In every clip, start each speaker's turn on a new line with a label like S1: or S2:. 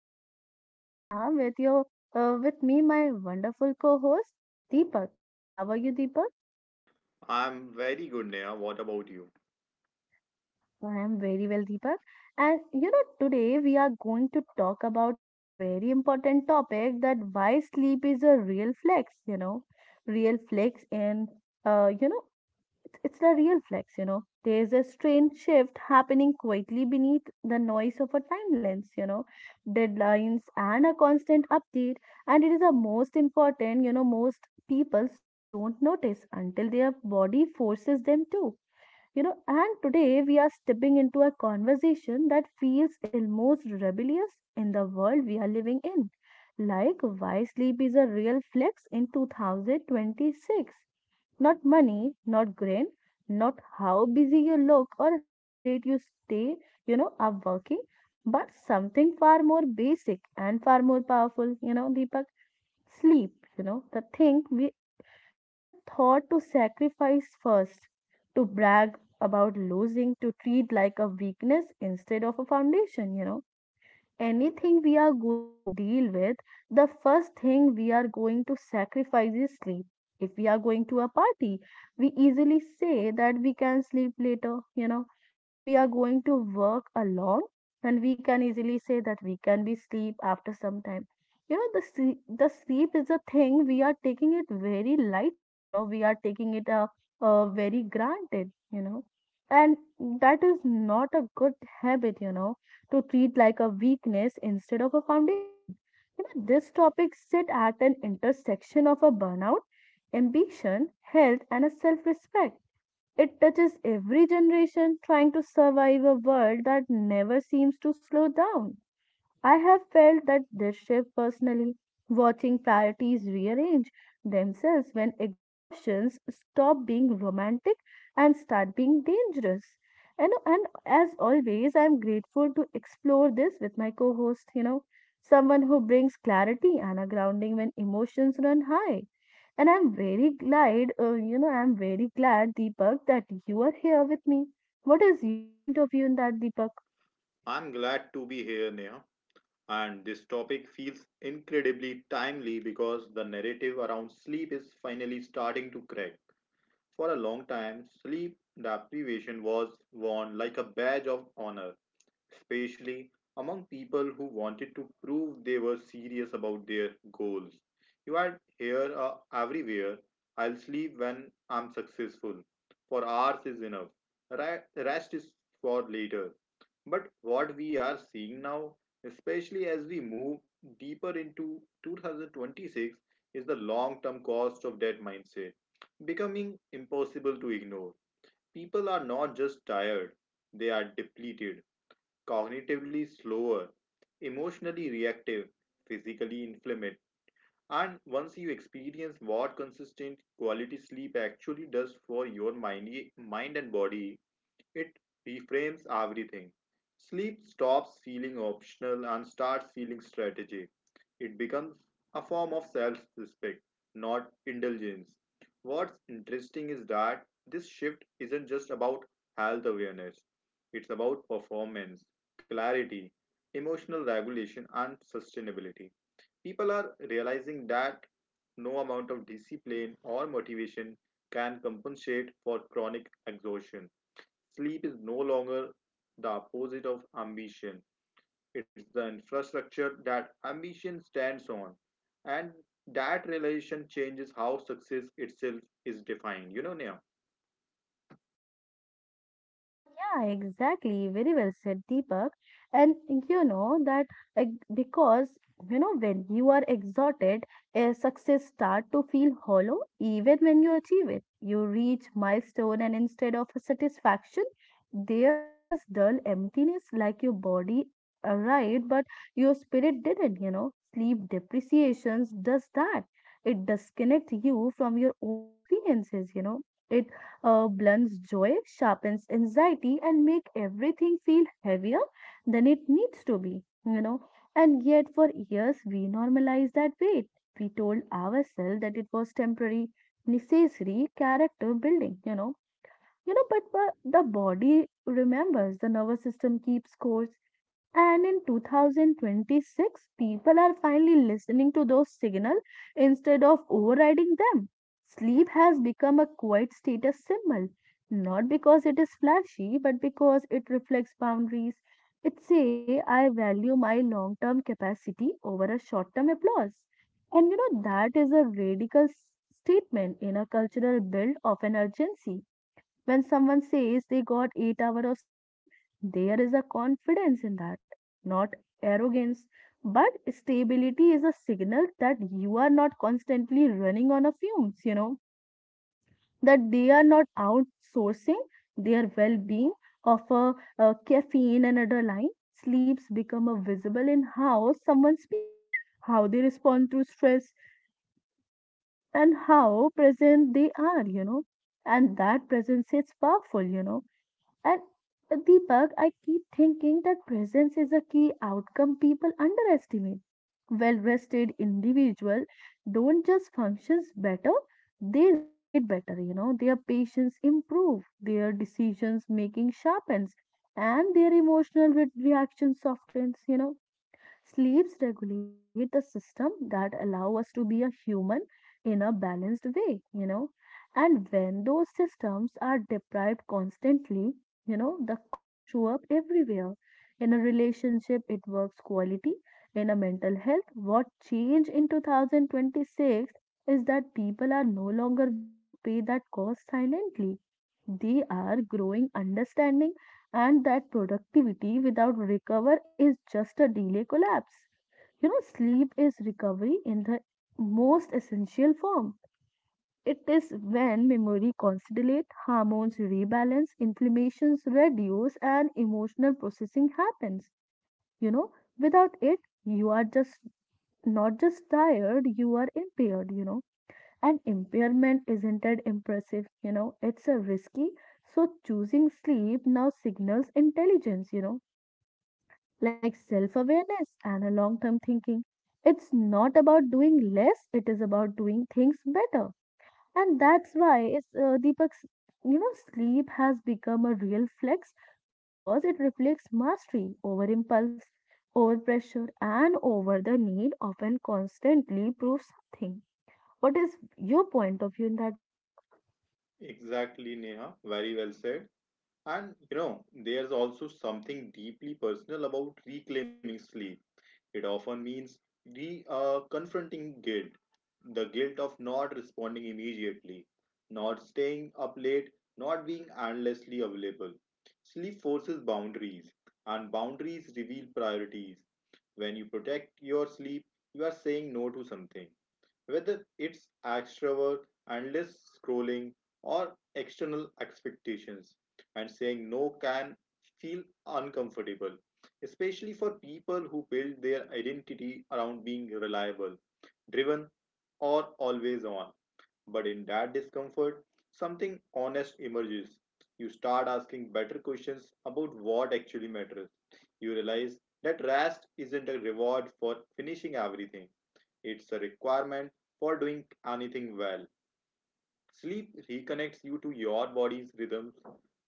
S1: is your host Neha with your with me my wonderful co-host Deepak. How are you Deepak?
S2: I'm very good, Neha. What about you?
S1: I am very well Deepak. And you know today we are going to talk about a very important topic that why sleep is a real flex, you know, real flex in uh, you know it's a real flex, you know. There's a strange shift happening quietly beneath the noise of a timelines, you know, deadlines and a constant update. And it is the most important, you know, most peoples don't notice until their body forces them to. You know, and today we are stepping into a conversation that feels almost rebellious in the world we are living in. Like why sleep is a real flex in 2026, not money, not grain, not how busy you look or how late you stay, you know, up working, but something far more basic and far more powerful, you know, Deepak. Sleep, you know, the thing we were taught to sacrifice first, to brag about losing, to treat like a weakness instead of a foundation, you know anything we are going to deal with, the first thing we are going to sacrifice is sleep. If we are going to a party, we easily say that we can sleep later, you know. If we are going to work alone, then we can easily say that we can be sleep after some time. You know, the sleep is a thing we are taking it very lightly, you know, we are taking it a very granted, you know and that is not a good habit you know to treat like a weakness instead of a foundation. You know, this topic sit at an intersection of a burnout, ambition, health, and a self-respect. It touches every generation trying to survive a world that never seems to slow down. I have felt that their shift personally, watching priorities rearrange themselves when exhaustions stop being romantic and start being dangerous. You know, and as always, I'm grateful to explore this with my co host, you know, someone who brings clarity and a grounding when emotions run high. And I'm very glad, I'm very glad, Deepak, that you are here with me. What is your point of view in that, Deepak?
S2: I'm glad to be here, Neha. And this topic feels incredibly timely because the narrative around sleep is finally starting to crack. For a long time, sleep deprivation was worn like a badge of honor, especially among people who wanted to prove they were serious about their goals. You had here everywhere, I'll sleep when I'm successful, for hours is enough, rest is for later. But what we are seeing now, especially as we move deeper into 2026, is the long term cost of that mindset becoming impossible to ignore. People are not just tired, they are depleted, cognitively slower, emotionally reactive, physically inflamed. And once you experience what consistent quality sleep actually does for your mind and body, it reframes everything. Sleep stops feeling optional and starts feeling strategic. It becomes a form of self respect, not indulgence. What's interesting is that this shift isn't just about health awareness, it's about performance, clarity, emotional regulation, and sustainability. People are realizing that no amount of discipline or motivation can compensate for chronic exhaustion. Sleep is no longer the opposite of ambition. It's the infrastructure that ambition stands on. And that realization changes how success itself is defined. You know, Neha?
S1: Yeah, exactly. Very well said, Deepak. And you know that uh, because you know when you are exhausted, success start to feel hollow even when you achieve it. You reach milestone and instead of satisfaction, there is this dull emptiness like your body arrived but your spirit didn't, you know. Sleep depreciations does that. It disconnects you from your own experiences, you know. It blunts joy, sharpens anxiety, and make everything feel heavier than it needs to be, you know. And yet, for years, we normalized that weight. We told ourselves that it was temporary, necessary character building, you know, but the body remembers, the nervous system keeps scores. And in 2026, people are finally listening to those signals instead of overriding them. Sleep has become a quiet status symbol, not because it is flashy, but because it reflects boundaries. It say I value my long-term capacity over a short-term applause. And you know, that is a radical statement in a cultural build of an urgency. When someone says they got 8 hours of sleep, there is a confidence in that, not arrogance. But stability is a signal that you are not constantly running on a fumes, you know, that they are not outsourcing their well being of a caffeine and adrenaline. Sleeps become a visible in how someone speaks, how they respond to stress, and how present they are, you know and that presence is powerful you know and Deepak, I keep thinking that presence is a key outcome people underestimate. Well rested individual don't just functions better, they relate better, you know, their patience improve, their decisions making sharpens, and their emotional reaction softens, you know Sleeps regulate the system that allow us to be a human in a balanced way, you know. And when those systems are deprived constantly, you know, the costs show up everywhere. In a relationship, it works quality. In a mental health, what change in 2026 is that people are no longer willing to pay that cost silently. They are growing understanding and that productivity without recover is just a delay collapse you know sleep is recovery in the most essential form it is when memory consolidates, hormones rebalance inflammations reduce and emotional processing happens you know without it you are just not just tired you are impaired you know and impairment isn't it impressive you know it's a risky so choosing sleep now signals intelligence you know like self awareness and a long term thinking. It's not about doing less, it is about doing things better. And that's why it's, Deepak's, you know, sleep has become a real flex because it reflects mastery over impulse, over pressure, and over the need of an constantly prove something. What is your point of view in that, Deepak?
S2: Exactly, Neha. Very well said. And you know, there's also something deeply personal about reclaiming sleep. It often means re confronting guilt, the guilt of not responding immediately, not staying up late, not being endlessly available. Sleep forces boundaries, and boundaries reveal priorities. When you protect your sleep, you are saying no to something, whether it's extrovert, endless scrolling, or external expectations. And saying no can feel uncomfortable, especially for people who build their identity around being reliable, driven, or always on. But in that discomfort, something honest emerges. You start asking better questions about what actually matters. You realize that rest isn't a reward for finishing everything, it's a requirement for doing anything well. Sleep reconnects you to your body's rhythms,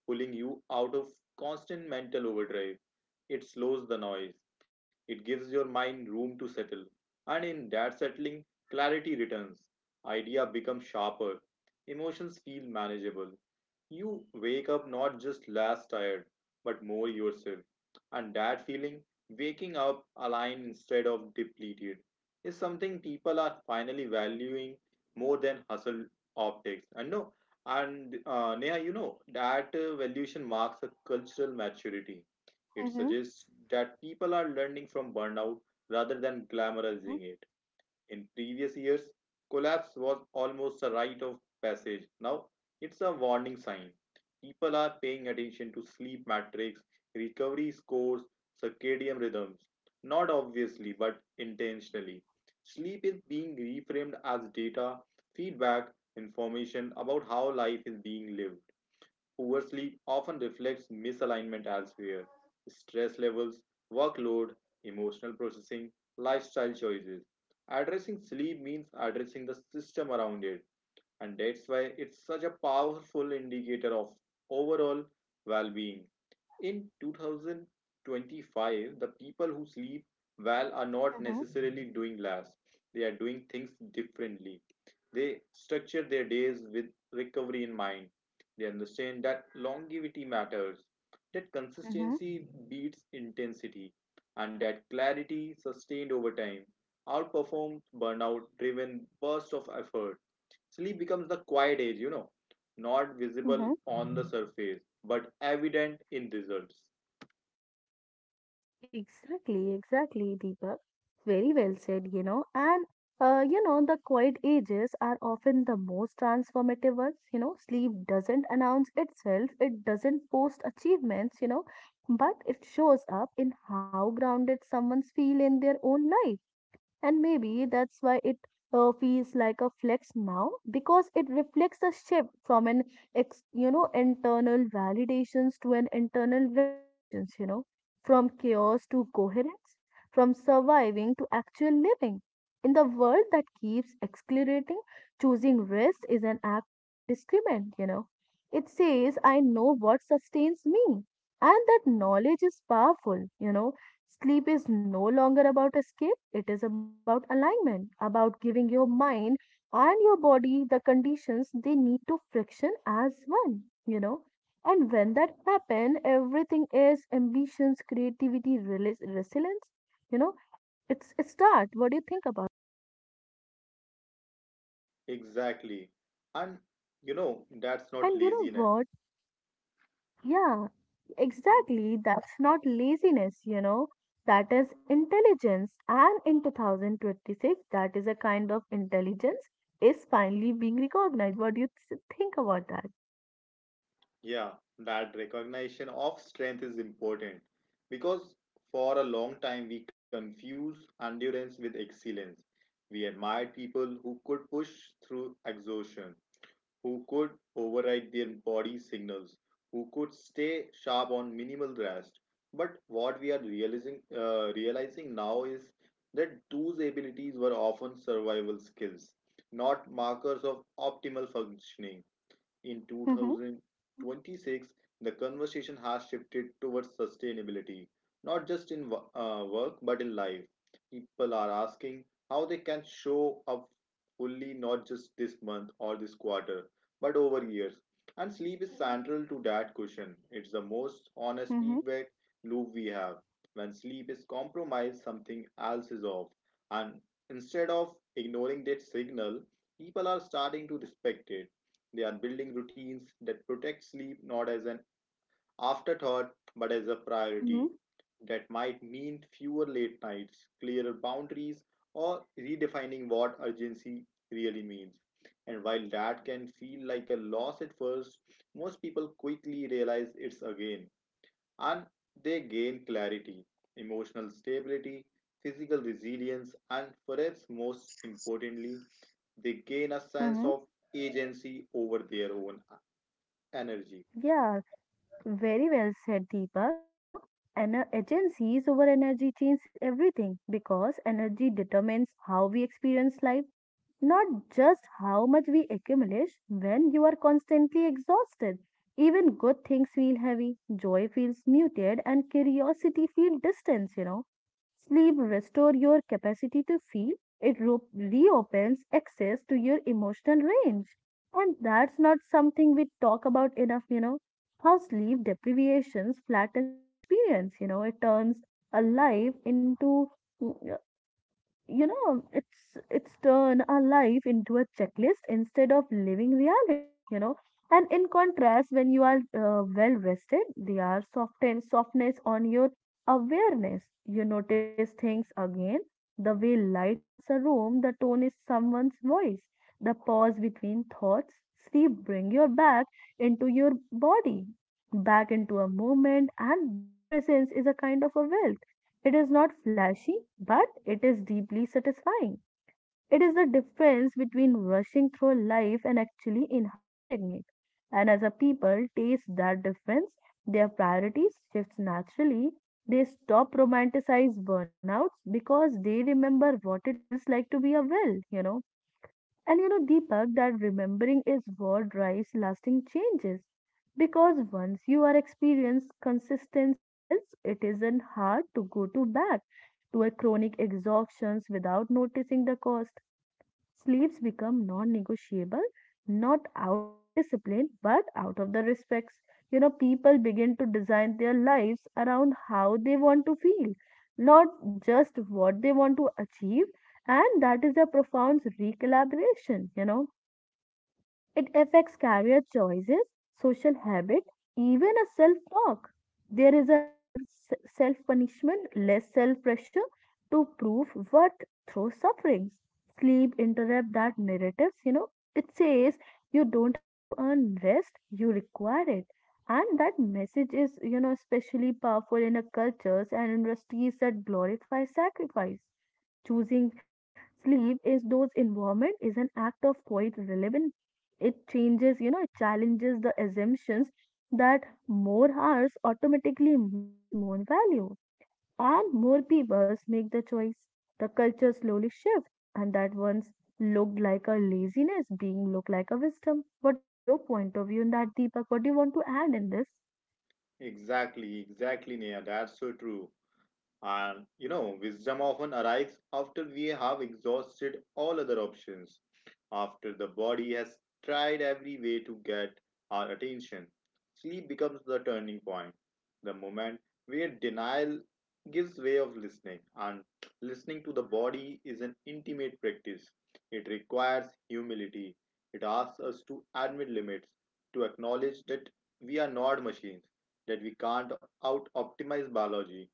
S2: pulling you out of constant mental overdrive. It slows the noise, it gives your mind room to settle, and in that settling, clarity returns. Idea becomes sharper, emotions feel manageable. You wake up not just less tired, but more yourself, and that feeling, waking up aligned instead of depleted, is something people are finally valuing more than hustle optics and no. And Neha, you know that valuation marks a cultural maturity. It
S1: Mm-hmm,
S2: suggests that people are learning from burnout rather than
S1: mm-hmm,
S2: glamorizing it. In previous years, collapse was almost a rite of passage. Now it's a warning sign. People are paying attention to sleep metrics, recovery scores, circadian rhythms. Not obviously, but intentionally. Sleep is being reframed as data, feedback, information about how life is being lived. Poor sleep often reflects misalignment elsewhere, stress levels, workload, emotional processing, lifestyle choices. Addressing sleep means addressing the system around it, and that's why it's such a powerful indicator of overall well being. In 2025, the people who sleep well are not necessarily doing less. They are doing things differently. They structure their days with recovery in mind. They understand that longevity matters, that
S1: mm-hmm,
S2: consistency beats intensity, and that clarity sustained over time outperforms burnout driven bursts of effort. Sleep becomes the quiet age, you know, not visible
S1: mm-hmm.
S2: on the surface, but evident in results.
S1: Exactly, exactly, Deepak. Very well said, you know. And, you know, the quiet ages are often the most transformative ones. You know, sleep doesn't announce itself, it doesn't post achievements, you know, but it shows up in how grounded someone's feel in their own life. And maybe that's why it feels like a flex now because it reflects a shift from an you know internal validations to an internal regulations, you know, from chaos to coherence, from surviving to actual living. In the world that keeps accelerating, choosing rest is an act of discriminant, you know. It says I know what sustains me and that knowledge is powerful, you know Sleep is no longer about escape, it is about alignment, about giving your mind and your body the conditions they need to friction as one, you know. And when that happens, everything is ambitions, creativity, resilience, you know. It's a start. What do you think about
S2: Exactly. And,
S1: it?
S2: you
S1: Mhm.
S2: know, that's not
S1: And you know
S2: laziness.
S1: what? Yeah, exactly. That's not laziness, you know. That is intelligence. And in 2026, that is a kind of intelligence is finally being recognized. What do you think about that?
S2: Yeah, that recognition of strength is important because for a long time we confuse endurance with excellence. We admired people who could push through exhaustion, who could override their body signals, who could stay sharp on minimal rest. But what we are realizing now is that those abilities were often survival skills, not markers of optimal functioning. In
S1: Mm-hmm,
S2: 2026, the conversation has shifted towards sustainability, not just in work but in life. People are asking how they can show up fully, not just this month or this quarter, but over years. And sleep is central to that question. It's the most honest
S1: mm-hmm,
S2: feedback loop we have. When sleep is compromised, something else is off. And instead of ignoring that signal, people are starting to respect it. They are building routines that protect sleep, not as an afterthought but as a priority.
S1: mm-hmm,
S2: That might mean fewer late nights, clearer boundaries, or redefining what urgency really means. And while that can feel like a loss at first, most people quickly realize it's a gain, and they gain clarity, emotional stability, physical resilience, and perhaps most importantly, they gain a sense
S1: mm-hmm.
S2: of agency over their own energy.
S1: Yeah, very well said, Deepak. You know, and agencies over energy change everything because energy determines how we experience life. Not just how much we accumulate when you are constantly exhausted. Even good things feel heavy, joy feels muted, and curiosity feels distant, you know. Sleep restores your capacity to feel, it reopens access to your emotional range. And that's not something we talk about enough, you know. How sleep deprivations flattens experience, you know, it turns a life into mm, you know it's turn our life into a checklist instead of living reality you know and in contrast when you are well rested they are soften softness on your awareness you notice things again the way light enters a room the tone is someone's voice the pause between thoughts sleep bring your back into your body back into a moment and that presence is a kind of a wealth it is not flashy, but it is deeply satisfying. It is the difference between rushing through life and actually inhabiting it. And as a people taste that difference, their priorities shifts naturally. They stop romanticize burnouts because they remember what it feels like to be a well, you know. And you know, Deepak, that remembering is what drives lasting changes. Because once you are experienced consistent risks, it isn't hard to go to back to a chronic exhaustions without noticing the cost. Sleeps become non negotiable, not out of the discipline, but out of the respects. You know, people begin to design their lives around how they want to feel, not just what they want to achieve. And that is a profound recollaboration, you know it affects career choices, social habit, even a self talk. There is a less self punishment, less self pressure to prove worth through sufferings. Sleep interrupt that narratives, you know. It says you don't have to earn rest, you require it. And that message is, you know, especially powerful in a cultures and industries that glorify sacrifice. Choosing sleep is those environment is an act of quite relevant it changes, you know, it challenges the assumptions that more hours automatically means more value. And more people make the choice. The culture slowly shifts, and that once looked like a laziness being looked like a wisdom. What is your point of view in that, Deepak? What do you want to add in this?
S2: Exactly, exactly, Nia. That's so true. And you know, wisdom often arrives after we have exhausted all other options, after the body has tried every way to get our attention. Sleep becomes the turning point, the moment where denial gives way of listening. And listening to the body is an intimate practice. It requires humility. It asks us to admit limits, to acknowledge that we are not machines, that we can't out optimize biology,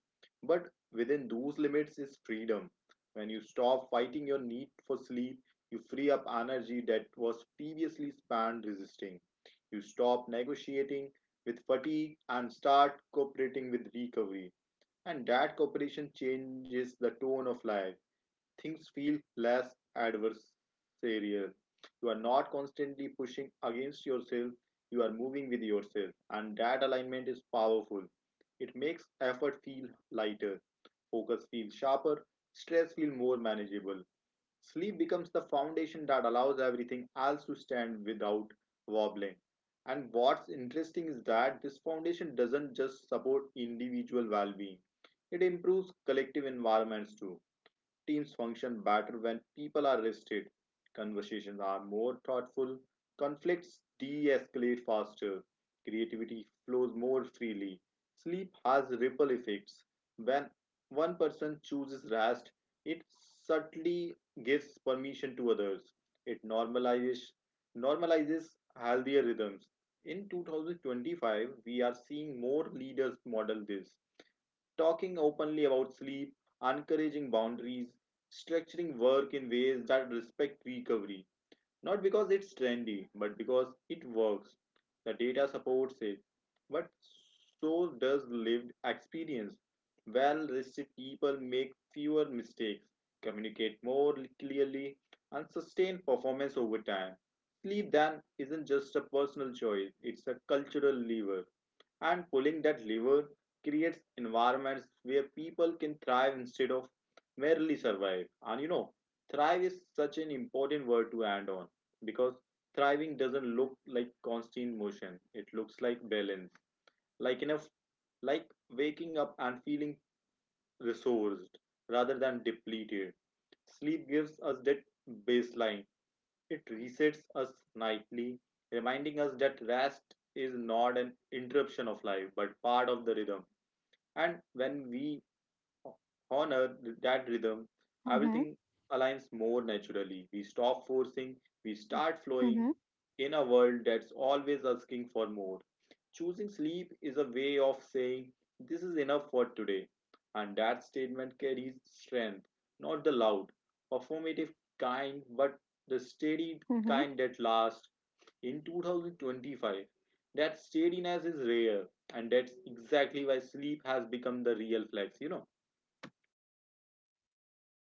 S2: but within those limits is freedom. When you stop fighting your need for sleep, you free up energy that was previously spent resisting. You stop negotiating with fatigue and start cooperating with recovery. And that cooperation changes the tone of life, things feel less adversarial. You are not constantly pushing against yourself, you are moving with yourself, and that alignment is powerful. It makes effort feel lighter, focus feels sharper, stress feel more manageable. Sleep becomes the foundation that allows everything else to stand without wobbling. And what's interesting is that this foundation doesn't just support individual well being, it improves collective environments too. Teams function better when people are rested. Conversations are more thoughtful. Conflicts de escalate faster. Creativity flows more freely. Sleep has ripple effects. When one person chooses rest, it subtly gives permission to others. It normalizes healthier rhythms. In 2025, we are seeing more leaders model this, talking openly about sleep, encouraging boundaries, structuring work in ways that respect recovery. Not because it's trendy, but because it works. The data supports it. But so does lived experience. Well rested people make fewer mistakes, communicate more clearly, and sustain performance over time. Sleep then isn't just a personal choice, it's a cultural lever. And pulling that lever creates environments where people can thrive instead of merely survive. And you know, thrive is such an important word to end on, because thriving doesn't look like constant motion, it looks like balance, like enough, like waking up and feeling resourced rather than depleted. Sleep gives us that baseline, it resets us nightly, reminding us that rest is not an interruption of life but part of the rhythm. And when we honor that rhythm,
S1: Mm-hmm.
S2: everything aligns more naturally. We stop forcing, we start flowing
S1: Mm-hmm.
S2: in a world that's always asking for more. Choosing sleep is a way of saying, "This is enough for today." And that statement carries strength, not the loud, performative kind, but the steady
S1: Mm-hmm.
S2: kind that lasts. In 2025, that steadiness is rare, and that's exactly why sleep has become the real flex, you know.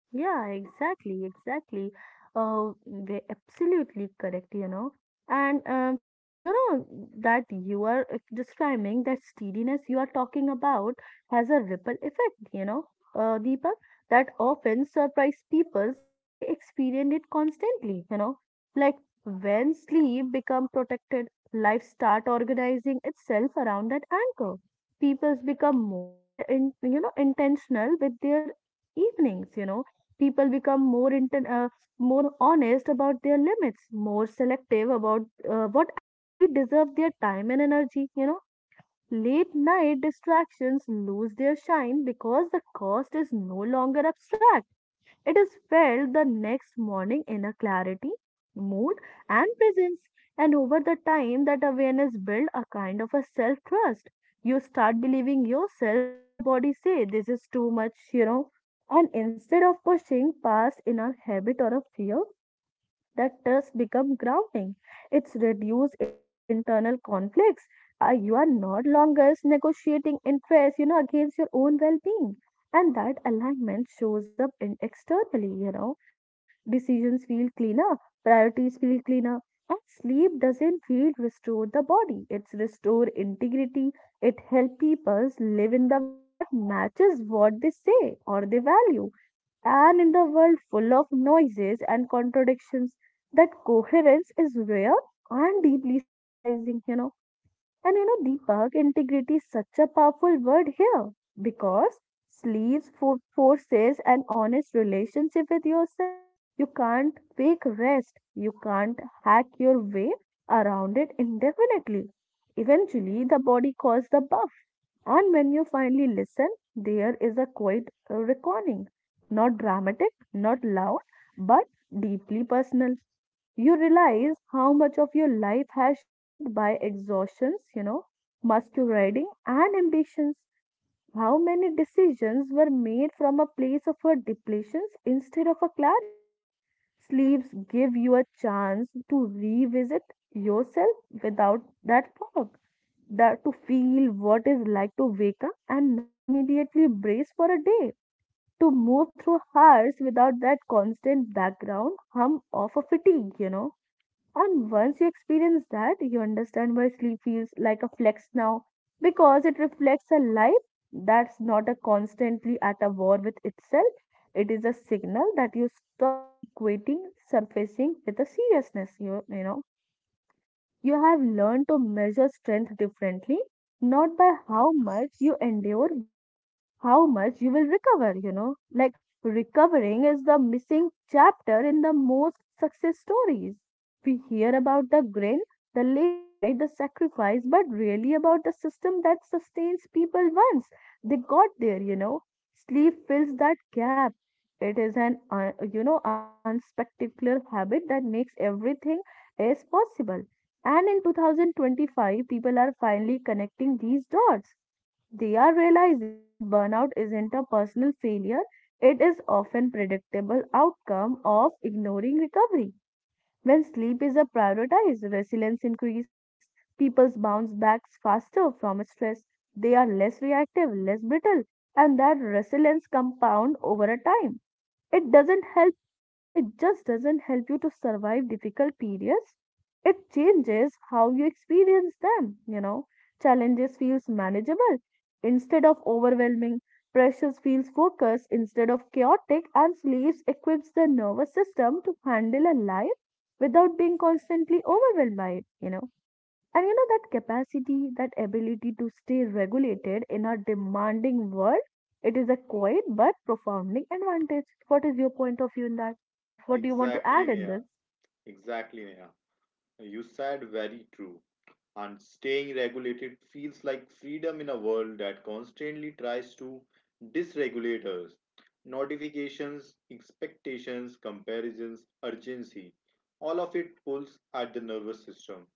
S1: Yeah,
S2: So
S1: exactly, exactly. They absolutely correct, you know. And you know that you are describing that steadiness you are talking about has a ripple effect, you know, Deepak, that often surprise people once they experience it constantly, you know. Like when sleep become protected, life start organizing itself around that anchor. People become more, you know, intentional with their evenings, you know people become more more honest about their limits more selective about what actually deserve their time and energy you know late night distractions lose their shine because the cost is no longer abstract it is felt the next morning in a clarity, mood, and presence. And over the time, that awareness builds a kind of a self trust. You start believing yourself when your body say this is too much, you know. And instead of pushing past in a habit or a fear, that does become grounding. It's reduce internal conflicts. You are not longer negotiating interests, you know, against your own well-being. And that alignment shows up in externally, you know. Decisions feel cleaner, priorities feel cleaner, and sleep doesn't feel restore the body. It's restore integrity. It help people live in the way that matches what they say or they value and in the world full of noises and contradictions that coherence is rare and deeply stabilizing, you know. And you know, Deepak, integrity is such a powerful word here because sleeves for forces an honest relationship with yourself. You can't fake rest, you can't hack your way around it indefinitely. Eventually, the body calls the bluff and when you finally listen, there is a quiet reckoning, not dramatic, not loud, but deeply personal. You realize how much of your life has shaped by exhaustions, you know, masquerading and ambitions. How many decisions were made from a place of a depletions instead of a clarity. Sleeves give you a chance to revisit yourself without that fog, that to feel what is like to wake up and not immediately brace for a day, to move through hours without that constant background hum of a fatigue, you know. And once you experience that, you understand why sleep feels like a flex now because it reflects a life that's not a constantly at a war with itself. It is a signal that you stopped equating surfacing with a seriousness. You you have learned to measure strength differently, not by how much you endure, but how much you will recover, you know. Like recovering is the missing chapter in the most success stories. We hear about the grin, the late night, the sacrifice, but really about the system that sustains people once they got there, you know. Sleep fills that gap. It is an, you know, unspectacular habit that makes everything is possible. And in 2025, people are finally connecting these dots they are realizing that burnout isn't a personal failure, it is often predictable outcome of ignoring recovery. When sleep is a prioritized, resilience increase, people bounce back faster from stress. They are less reactive, less brittle, and that resilience compound over a time. It doesn't help, you know, it just doesn't help you to survive difficult periods. It changes how you experience them, you know. Challenges feels manageable instead of overwhelming. Pressures feels focused instead of chaotic and sleeps equips the nervous system to handle a life without being constantly overwhelmed by it, you know and you know that capacity, that ability to stay regulated in a demanding world, it is a quiet but profounding advantage. What is your point of view in that, Deepak? What do you want to
S2: exactly,
S1: add in
S2: Neha.
S1: this?
S2: Exactly, Neha. You said very true. And staying regulated feels like freedom in a world that constantly tries to dysregulate us. Notifications, expectations, comparisons, urgency, all of it pulls at the nervous system,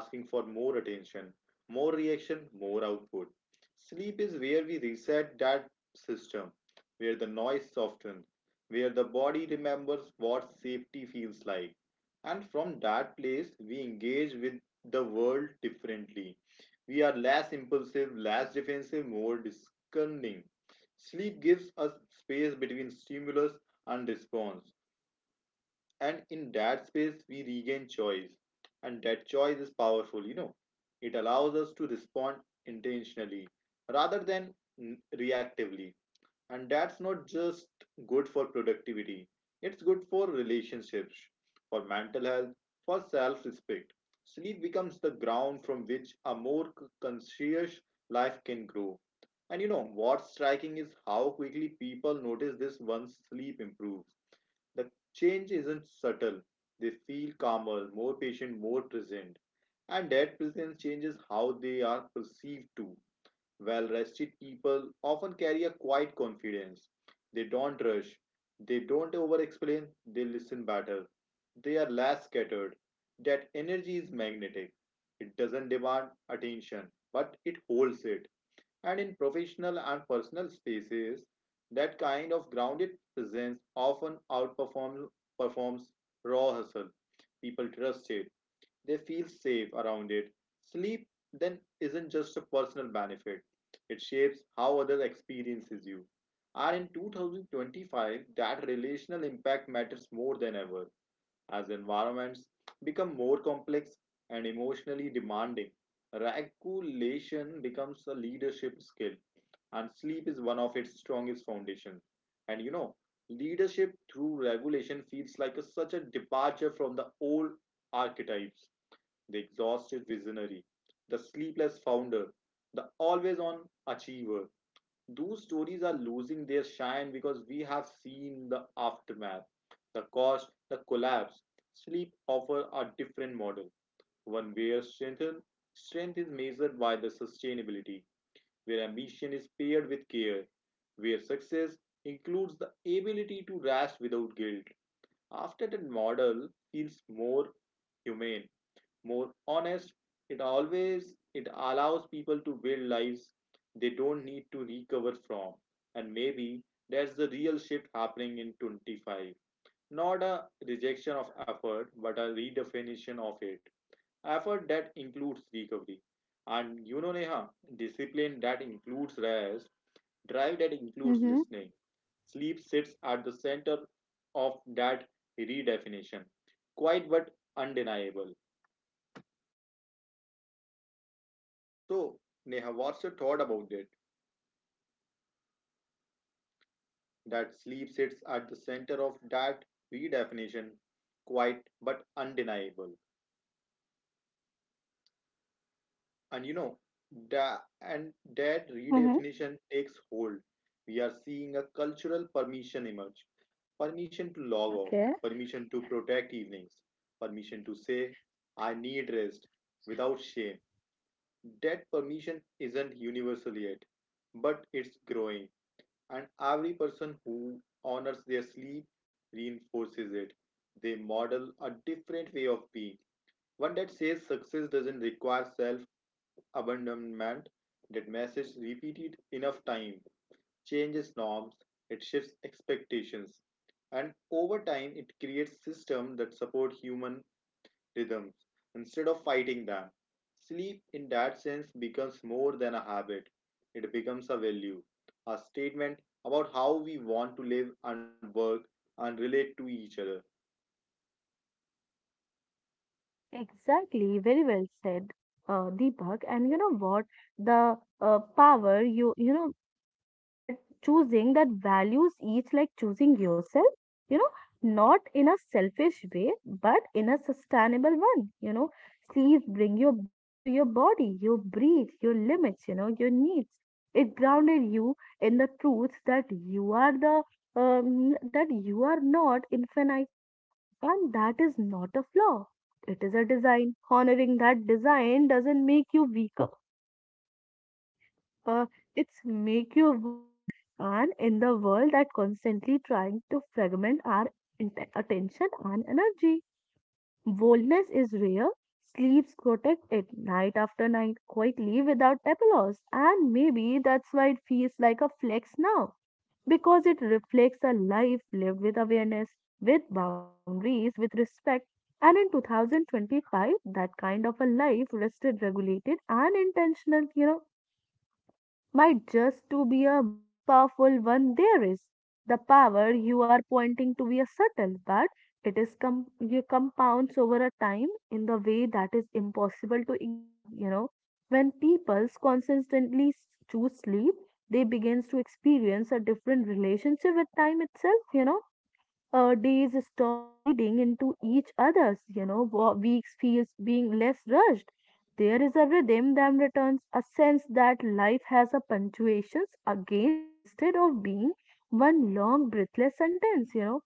S2: asking for more attention, more reaction, more output. Sleep is where we reset that system, where the noise softens, where the body remembers what safety feels like. And from that place, we engage with the world differently. We are less impulsive, less defensive, more discerning. Sleep gives us space between stimulus and response, and in that space we regain choice, and that choice is powerful, you know. It allows us to respond intentionally rather than reactively. And that's not just good for productivity, it's good for relationships, for mental health, for self respect. Sleep becomes the ground from which a more conscious life can grow. And you know what's striking is how quickly people notice this once sleep improves, the change isn't subtle. They feel calmer, more patient, more present. And that presence changes how they are perceived too. Well rested people often carry a quiet confidence. They don't rush, they don't over explain, they listen better. They are less scattered. That energy is magnetic. It doesn't demand attention, but it holds it. And in professional and personal spaces, that kind of grounded presence often outperforms performs raw hustle. People trust it, they feel safe around it. Sleep then isn't just a personal benefit, it shapes how others experiences you. And in 2025, that relational impact matters more than ever. As environments become more complex and emotionally demanding, regulation becomes a leadership skill, and sleep is one of its strongest foundations. And you know, leadership through regulation feels like such a departure from the old archetypes: the exhausted visionary, the sleepless founder, the always on achiever. Those stories are losing their shine because we have seen the aftermath, the cost, the collapse. Sleep offers a different model, one where strength is measured by the sustainability, where ambition is paired with care, where success includes the ability to rest without guilt. After that model feels more humane, more honest. It allows people to build lives they don't need to recover from. And maybe that's the real shift happening in '25. Not a rejection of effort, but a redefinition of it. Effort that includes recovery. And Neha, discipline that includes rest, drive that includes
S1: Mm-hmm.
S2: listening. Sleep sits at the center of that redefinition. Quite but undeniable. So, Neha, what's your thought about it? That sleep sits at the center of that redefinition, quite but undeniable. And that
S1: Mm-hmm.
S2: redefinition takes hold. We are seeing a cultural permission emerge, permission to log off,
S1: Okay.
S2: permission to protect evenings, permission to say, I need rest without shame. That permission isn't universal yet, but it's growing. And every person who honors their sleep reinforces it. They model a different way of being, one that says success doesn't require self abandonment. That message, repeated enough time, changes norms, it shifts expectations, and over time, it creates systems that support human rhythms instead of fighting them. Sleep, in that sense, becomes more than a habit, it becomes a value, a statement about how we want to live and work and relate to each other.
S1: Exactly, very well said, Deepak. And you know what? The power you you know that choosing that values each like choosing yourself you know not in a selfish way but in a sustainable one you know sleep bring you back to your body your breathe your limits you know your needs it grounded you in the truth that you are the that you are not infinite you know and that is not a flaw it is a design honoring that design doesn't make you weaker uh, it's make your world and in the world that constantly trying to fragment our attention and energy boldness is rare sleeps protect it night after night quietly without applause and maybe that's why it feels like a flex now because it reflects a life lived with awareness with boundaries with respect and in 2025 that kind of a life rested regulated and intentional you know might just to be a most powerful one there is. The power you are pointing to be a subtle, but it is you compounds over a time in the way that is impossible to ignore, you know. When people consistently choose sleep, they begins to experience a different relationship with time itself, you know days stop bleeding into each other's, you know, weeks feels being less rushed. There is a rhythm that returns, a sense that life has a punctuations again instead of being one long breathless sentence, you know.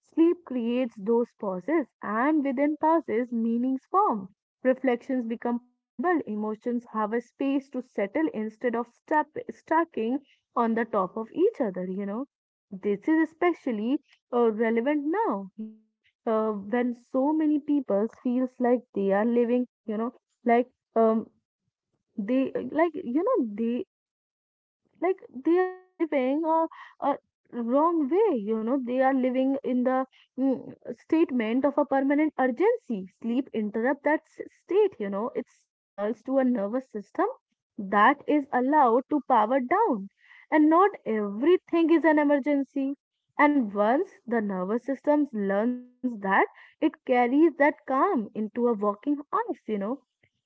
S1: Sleep creates those pauses, and within pauses, meanings form. Reflections become possible, emotions have a space to settle instead of stuck stacking on the top of each other, you know. This is especially relevant now, you know, when so many people feels like they are living, you know, like um they like they are living a wrong way you know they are living in the mm, statement of a permanent urgency sleep interrupt that state you know it signals to a nervous system that is allowed to power down and not everything is an emergency and once the nervous system learns that it carries that calm into a working hours you know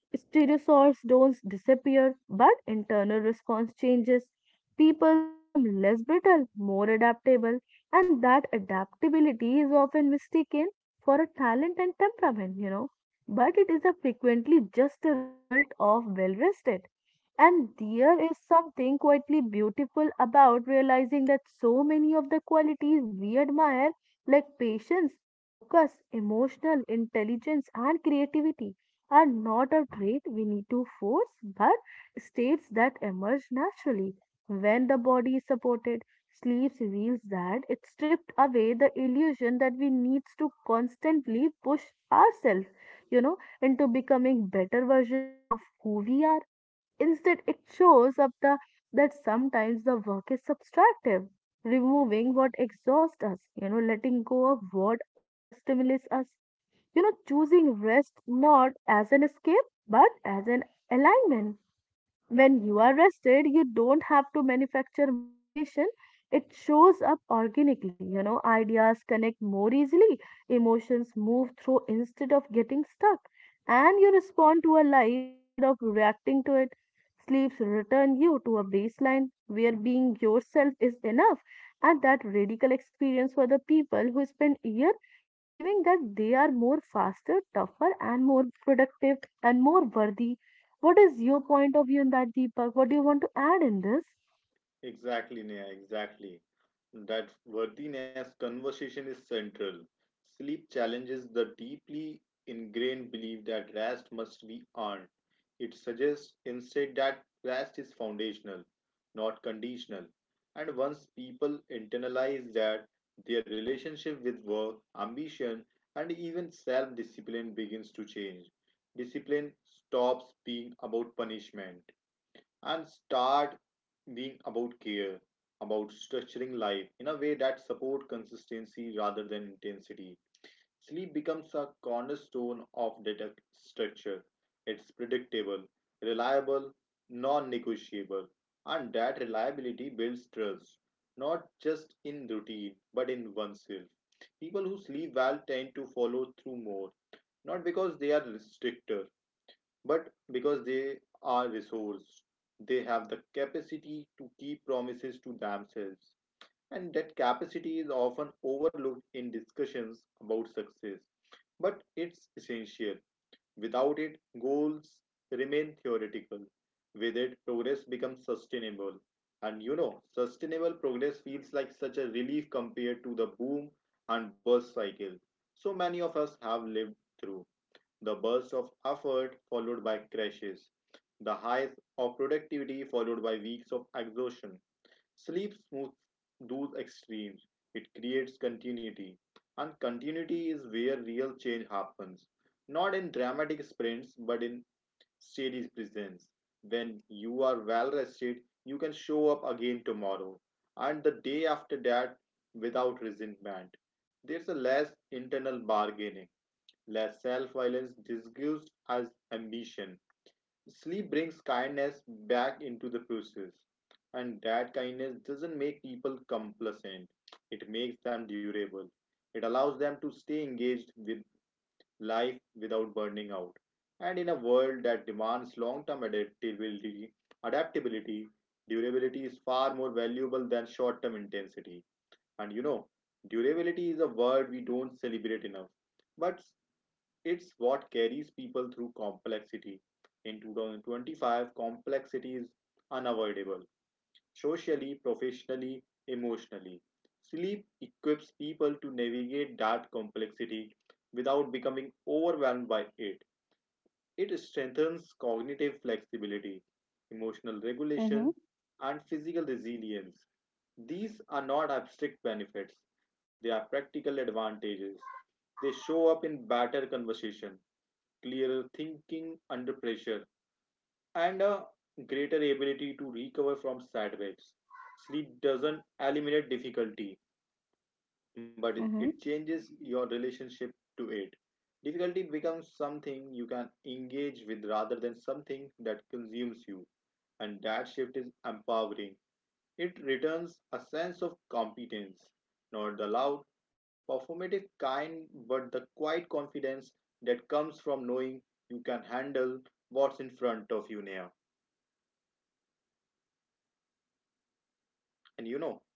S1: Stereosaurs don't disappear, but internal response changes. Peoples become less brittle, more adaptable, and that adaptability is often mistaken for a talent and temperament, you know. But it is a frequently just a result of well rested. And there is something quietly beautiful about realizing that so many of the qualities we admire, like patience, focus, emotional intelligence, and creativity, are not a trait we need to force, but states that emerge naturally. When the body is supported, sleep reveals that it stripped away the illusion that we needs to constantly push ourselves, you know, into becoming better version of who we are. Instead, it shows up the that sometimes the work is subtractive, removing what exhausts us, you know, letting go of what overstimulates us you know, choosing rest not as an escape but as an alignment when you are rested you don't have to manufacture motivation it shows up organically you know ideas connect more easily emotions move through instead of getting stuck and you respond to a life instead of reacting to it sleeps return you to a baseline where being yourself is enough and that radical experience for the people who spend year believing that they are more faster tougher and more productive and more worthy what is your point of view in that, Deepak? What do you want to add in this?
S2: Exactly, Neha, exactly. That worthiness conversation is central. Sleep challenges the deeply ingrained belief that rest must be earned. It suggests instead that rest is foundational, not conditional. And once people internalize that, their relationship with work, ambition, and even self discipline begins to change. Discipline stops being about punishment and start being about care, about structuring life in a way that support consistency rather than intensity. Sleep becomes a cornerstone of that structure. It's predictable, reliable, non-negotiable, and that reliability builds trust, not just in routine, but in oneself. People who sleep well tend to follow through more, not because they are stricter, but because they are resourced. They have the capacity to keep promises to themselves, and that capacity is often overlooked in discussions about success, but it's essential. Without it, goals remain theoretical. With it, progress becomes sustainable. And sustainable progress feels like such a relief compared to the boom and bust cycle so many of us have lived through: the burst of effort followed by crashes, the highs of productivity followed by weeks of exhaustion. Sleep smooths those extremes. It creates continuity. And continuity is where real change happens. Not in dramatic sprints, but in steady presence. When you are well rested, you can show up again tomorrow and the day after that without resentment. There's a less internal bargaining. Less self-violence disguised as ambition. Sleep brings kindness back into the process, and that kindness doesn't make people complacent. It makes them durable. It allows them to stay engaged with life without burning out. And in a world that demands long-term adaptability, durability is far more valuable than short-term intensity. And durability is a word we don't celebrate enough, but it's what carries people through complexity. In 2025, complexity is unavoidable socially, professionally, emotionally. Sleep equips people to navigate that complexity without becoming overwhelmed by it. It strengthens cognitive flexibility, emotional
S1: Mm-hmm.
S2: regulation, and physical resilience. These are not abstract benefits, they are practical advantages. They show up in better conversation, clearer thinking under pressure, and a greater ability to recover from setbacks. Sleep doesn't eliminate difficulty, but
S1: Mm-hmm.
S2: it changes your relationship to it. Difficulty becomes something you can engage with rather than something that consumes you, and that shift is empowering. It returns a sense of competence, not the loud, performative kind, but the quiet confidence that comes from knowing you can handle what's in front of you now. And you know,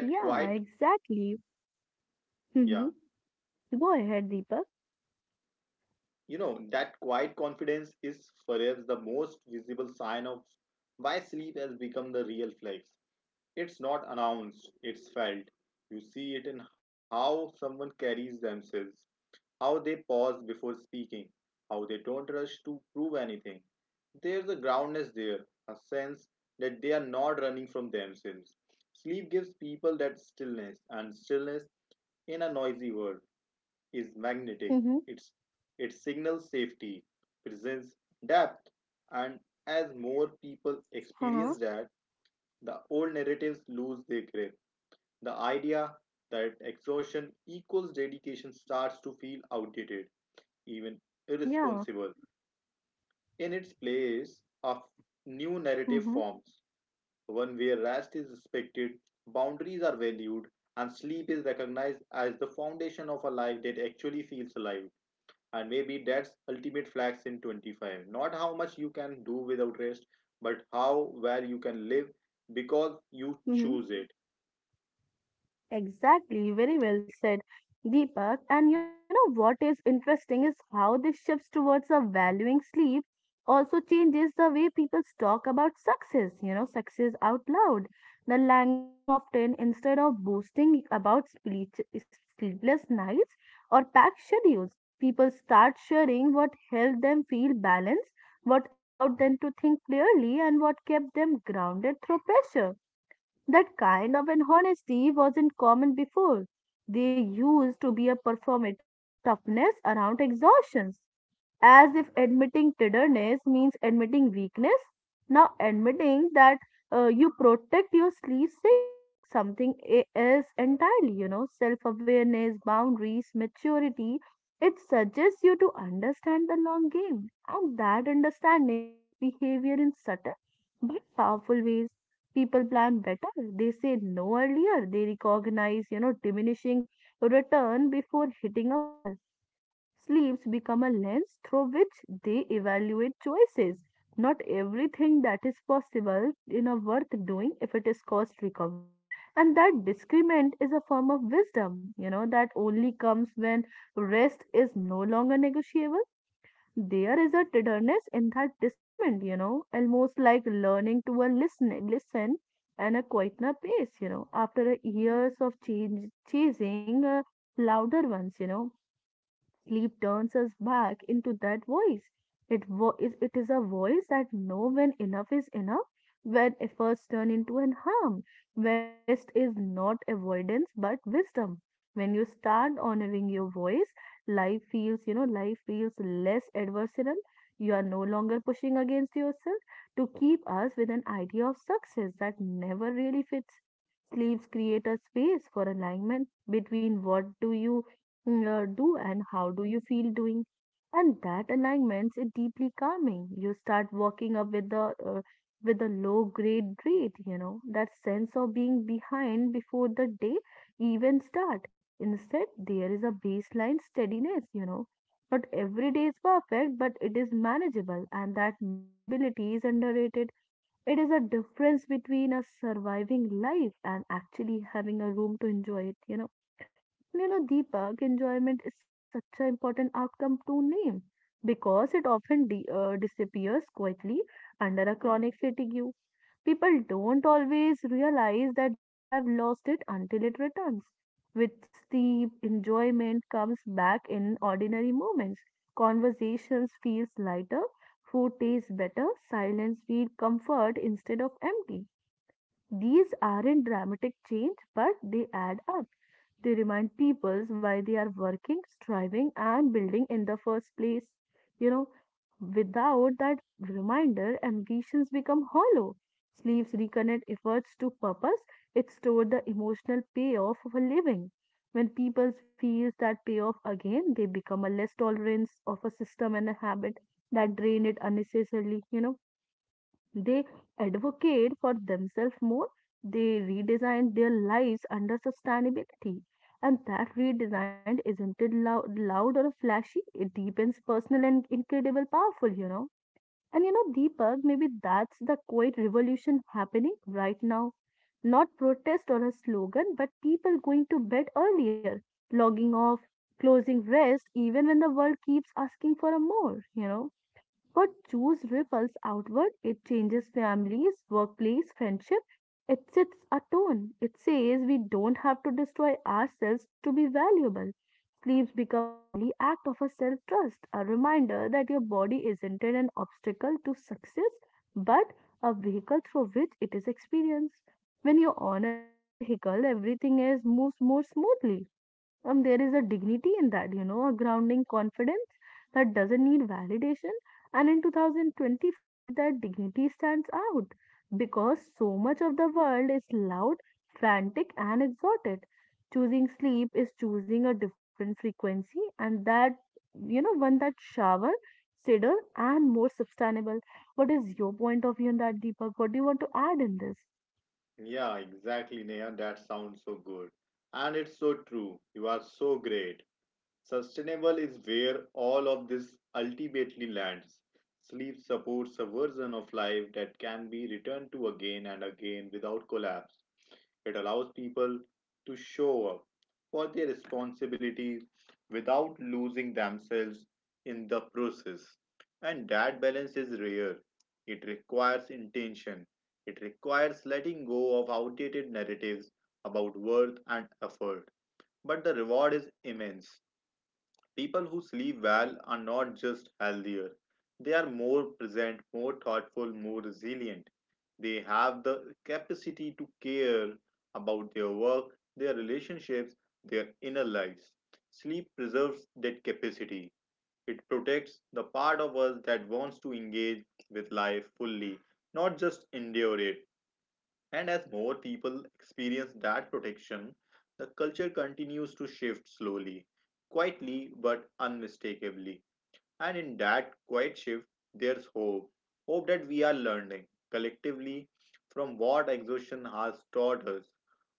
S2: that quiet,
S1: exactly.
S2: yeah,
S1: Mm-hmm. Go ahead, Deepak.
S2: you know, that quiet confidence is perhaps the most visible sign of why sleep has become the real flex. It's not announced, it's felt. You see it in how someone carries themselves, how they pause before speaking, how they don't rush to prove anything. There's a groundness there, a sense that they are not running from themselves. Sleep gives people that stillness, and stillness in a noisy world is magnetic.
S1: Mm-hmm.
S2: It's, it signals safety, presents depth, and as more people
S1: Uh-huh.
S2: experience that, the old narratives lose their grip. The idea that exhaustion equals dedication starts to feel outdated, even
S1: Yeah.
S2: irresponsible. In its place of new narrative
S1: Mm-hmm.
S2: forms, one where rest is respected, boundaries are valued, and sleep is recognized as the foundation of a life that actually feels alive. And maybe that's ultimate flex in '25. Not how much you can do without rest, but how well you can live because you
S1: Mm-hmm.
S2: choose it.
S1: Exactly, very well said, Deepak. And you know what is interesting is how this shifts towards a valuing sleep also changes the way people talk about success, you know, success out loud. The language soften instead of boasting about speech, sleepless nights or packed schedules. People start sharing what helped them feel balanced, what allowed them to think clearly, and what kept them grounded through pressure that kind of an honesty wasn't common before. They used to be a performative toughness around exhaustion, as if admitting tenderness means admitting weakness. Now, admitting that you protect your sleep signals something else entirely, you know, self awareness, boundaries, maturity. It suggests you to understand the long game, and that understanding shapes behavior in subtle but powerful ways. People plan better, they say no earlier, they recognize, you know, diminishing return before hitting a wall. Sleeves become a lens through which they evaluate choices. Not everything that is possible in a worth doing if it is cost recovery. And that discernment is a form of wisdom, you know, that only comes when rest is no longer negotiable. There is a tenderness in that discernment, you know, almost like learning to a listen, listen and a quieter pace, you know, after a years of change, chasing louder ones, you know. Sleep turns us back into that voice. It is a voice that know when enough is enough, when efforts turn into an harm, when rest is not avoidance but wisdom. When you start honoring your voice, life feels, you know, life feels less adversarial. You are no longer pushing against yourself to keep us with an idea of success that never really fits. Sleeves create a space for alignment between what do you do and how do you feel doing, and that alignment is deeply calming. You start walking up with the with a low grade dread, you know, that sense of being behind before the day even start. Instead there is a baseline steadiness, you know. Not every day is perfect, but it is manageable, and that manageability is underrated. It is a difference between a surviving life and actually having a room to enjoy it. Deepak, enjoyment is such an important outcome to name because it often disappears quietly under a chronic fatigue. People don't always realize that they have lost it until it returns. With sleep, enjoyment comes back in ordinary moments. Conversations feels lighter, food tastes better, silence feels comfort instead of empty. These aren't dramatic change, but they add up. They remind people why they are working, striving, and building in the first place. You know, without that reminder, ambitions become hollow. Sleeves reconnect efforts to purpose, it stores the emotional payoff of a living. When people feel that payoff again, they become a less tolerance of a system and a habit that drain it unnecessarily. They advocate for themselves more. They redesign their lives under sustainability. And that redesign isn't it loud or flashy. It deepens personal and incredible powerful, you know. And you know, Deepak, maybe that's the quiet revolution happening right now. Not protest or a slogan, but people going to bed earlier, logging off, closing rest, even when the world keeps asking for a more. But choose ripples outward, it changes families, workplace, friendship. It sets a tone. It says we don't have to destroy ourselves to be valuable. Sleeps become a daily act of a self trust, a reminder that your body isn't an obstacle to success, but a vehicle through which it is experienced. When you honor that vehicle, everything else moves more smoothly. There is a dignity in that, you know, a grounding confidence that doesn't need validation. And in 2025, that dignity stands out because so much of the world is loud, frantic, and exalted. Choosing sleep is choosing a different frequency, and that, you know, one that shower, steadier, and more sustainable. What is your point of view on that, Deepak? What do you want to add in this?
S2: Yeah, exactly, Neha. That sounds so good. And it's so true. You are so great. Sustainable is where all of this ultimately lands. Sleep supports a version of life that can be returned to again and again without collapse. It allows people to show up for their responsibilities without losing themselves in the process. And that balance is rare. It requires intention. It requires letting go of outdated narratives about worth and effort. But the reward is immense. People who sleep well are not just healthier, they are more present, more thoughtful, more resilient. They have the capacity to care about their work, their relationships, their inner lives. Sleep preserves that capacity. It protects the part of us that wants to engage with life fully, not just endure it. And as more people experience that protection, the culture continues to shift slowly, quietly but unmistakably. And in that quiet shift, there's hope. Hope that we are learning collectively from what exhaustion has taught us.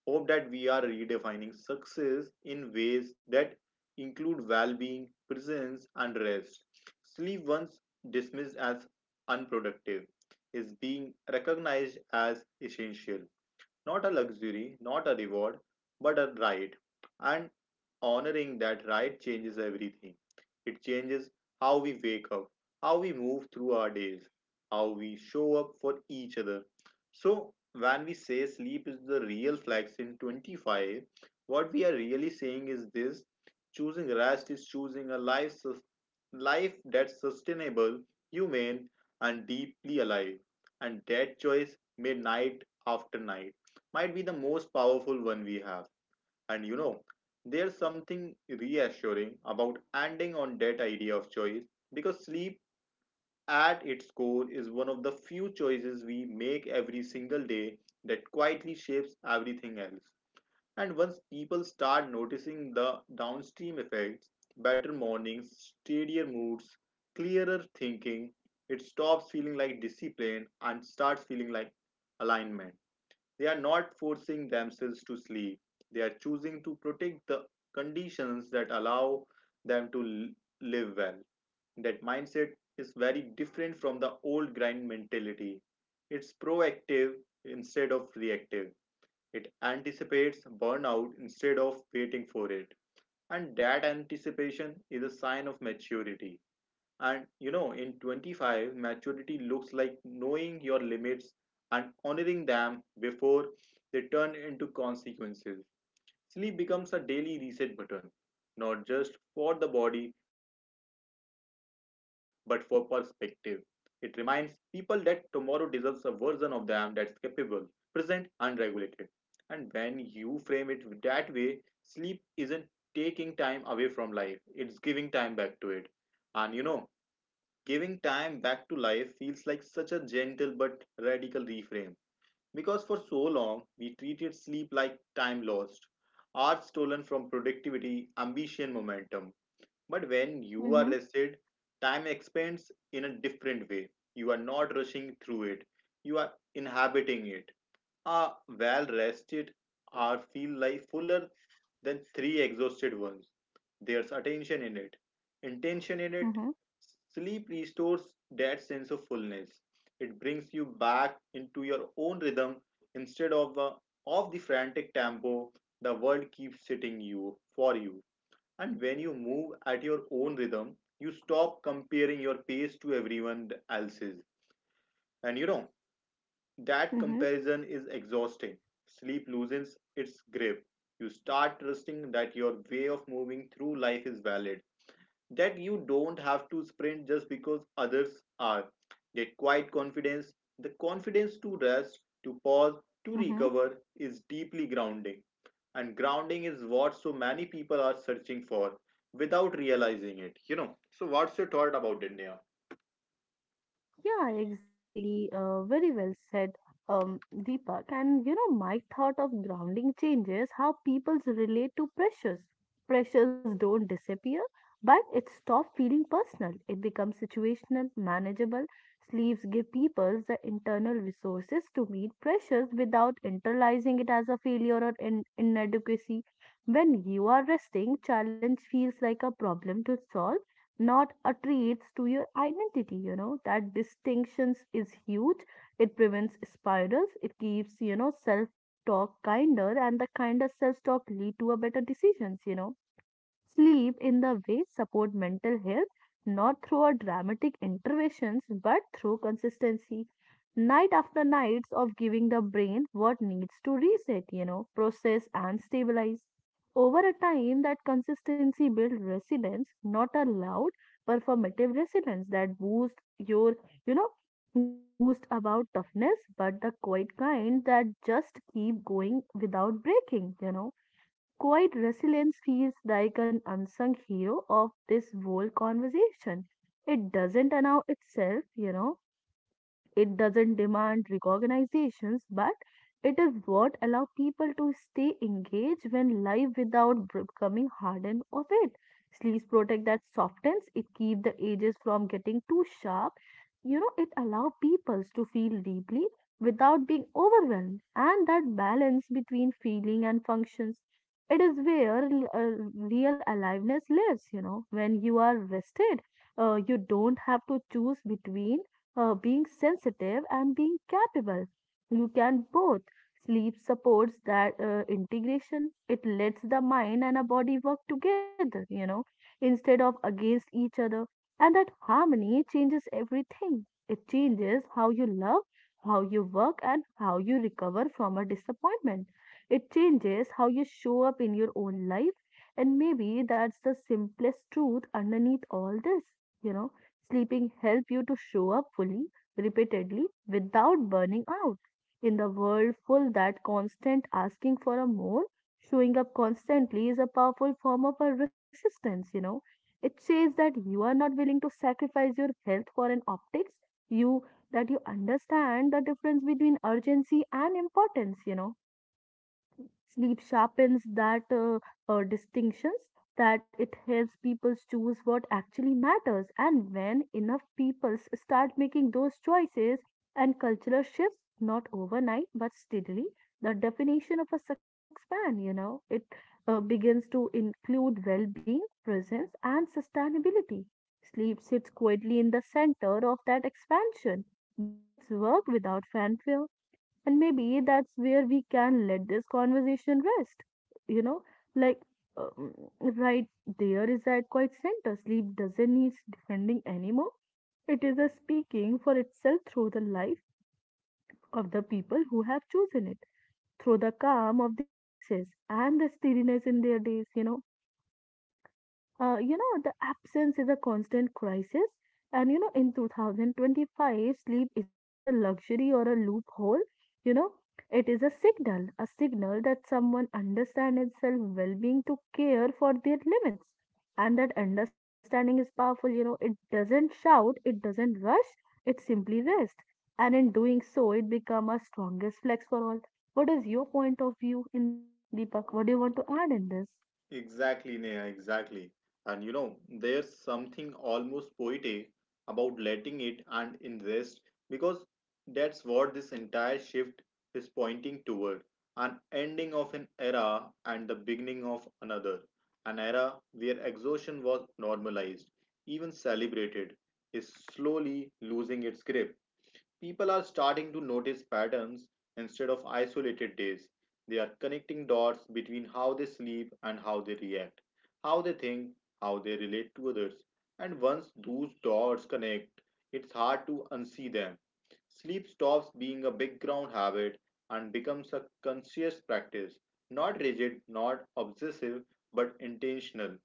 S2: Hope that we are redefining success in ways that include well being, presence, and rest. Sleep, once dismissed as unproductive, is being recognized as essential, not a luxury, not a reward, but a right. And honoring that right changes everything. It changes how we wake up, how we move through our days, how we show up for each other. So, when we say sleep is the real flex in '25, what we are really saying is this: choosing rest is choosing a life, life that's sustainable, humane, and deeply alive. And that choice made night after night might be the most powerful one we have. And there's something reassuring about ending on that idea of choice, because sleep at its core is one of the few choices we make every single day that quietly shapes everything else. And once people start noticing the downstream effects, better mornings, steadier moods, clearer thinking, it stops feeling like discipline and starts feeling like alignment. They are not forcing themselves to sleep. They are choosing to protect the conditions that allow them to live well. That mindset is very different from the old grind mentality. It's proactive instead of reactive. It anticipates burnout instead of waiting for it. And that anticipation is a sign of maturity. And in '25, maturity looks like knowing your limits and honoring them before they turn into consequences. Sleep becomes a daily reset button, not just for the body, but for perspective. It reminds people that tomorrow deserves a version of them that's capable, present, and regulated. And when you frame it that way, sleep isn't taking time away from life, it's giving time back to it. And giving time back to life feels like such a gentle but radical reframe because for so long we treated sleep like time lost, hours stolen from productivity, ambition, momentum. But when you are
S1: Mm-hmm,
S2: rested, time expands in a different way. You are not rushing through it, you are inhabiting it. Are well rested or feel like fuller than three exhausted ones. There's attention in it, intention in it.
S1: mm-hmm,
S2: Sleep restores that sense of fullness. It brings you back into your own rhythm instead of the frantic tempo the world keeps setting you for you. And when you move at your own rhythm, you stop comparing your pace to everyone else's. And that
S1: mm-hmm,
S2: comparison is exhausting. Sleep loosens its grip. You start trusting that your way of moving through life is valid, that you don't have to sprint just because others are. That quiet confidence, the confidence to rest, to pause, to
S1: mm-hmm.
S2: recover, is deeply grounding. And grounding is what so many people are searching for without realizing it, you know. So, what's your thought about it, Neha?
S1: Yeah, exactly. Very well said, Deepak. And you know, my thought of grounding changes how people relate to pressures. Pressures don't disappear, but it stops feeling personal. It becomes situational, manageable. Sleeves give people the internal resources to meet pressures without internalizing it as a failure or in inadequacy. When you are resting, challenge feels like a problem to solve, not attributes to your identity, you know. That distinctions is huge. It prevents spirals. It keeps, you know, self talk kinder, and the kinder self talk lead to a better decisions, you know. Sleep in the way support mental health, not through our dramatic interventions, but through consistency. Night after nights of giving the brain what needs to reset, you know, process and stabilize. Over a time, that consistency builds resilience, not a loud performative resilience that boosts your, you know, that boost about toughness, but the quiet kind that just keep going without breaking, you know. Quiet resilience feels like an unsung hero of this whole conversation. It doesn't announce itself, you know, it doesn't demand recognitions, but it is what allows people to stay engaged when life without becoming hardened of it. Sleeves protect that softens, it keeps the edges from getting too sharp. You know, it allows people to feel deeply without being overwhelmed, and that balance between feeling and functions. It is where real aliveness lives, you know, when you are rested. You don't have to choose between being sensitive and being capable. You can both. Sleep supports that integration. It lets the mind and a body work together, you know, instead of against each other. And that harmony changes everything. It changes how you love, how you work, and how you recover from a disappointment. It changes how you show up in your own life. And maybe that's the simplest truth underneath all this, you know Sleeping help you to show up fully, repeatedly, without burning out. In the world full that constant asking for a more, showing up constantly is a powerful form of a resistance, you know. It says that you are not willing to sacrifice your health for an optics, you, that you understand the difference between urgency and importance, you know. Sleep sharpens that distinctions, that it helps people choose what actually matters. And when enough people start making those choices and cultural shifts, not overnight but steadily, the definition of a success expand. You know, it begins to include well-being, presence, and sustainability. Sleep sits quietly in the center of that expansion, doing its work without fanfare. And maybe that's where we can let this conversation rest, you know, like, um, right, there is that quite center. Sleep doesn't need defending anymore, it is a speaking for itself through the life of the people who have chosen it, through the calm of their voices and the steadiness in their days, you know. You know, the absence is a constant crisis. And you know, in 2025, sleep isn't it a luxury or a loophole? You know, it is a signal that someone understands itself well-being to care for their limits. And that understanding is powerful. You know, it doesn't shout, it doesn't rush, it simply rests. And in doing so, it becomes our strongest flex for all. What is your point of view in that, Deepak? What do you want to add in this?
S2: Exactly, Neha, exactly. And there's something almost poetic about letting it and invest because that's what this entire shift is pointing toward, an ending of an era and the beginning of another, an era where exhaustion was normalized, even celebrated, is slowly losing its grip. People are starting to notice patterns instead of isolated days. They are connecting dots between how they sleep and how they react, how they think, how they relate to others. And once those dots connect, it's hard to unsee them. Sleep stops being a background habit and becomes a conscious practice, not rigid, not obsessive, but intentional.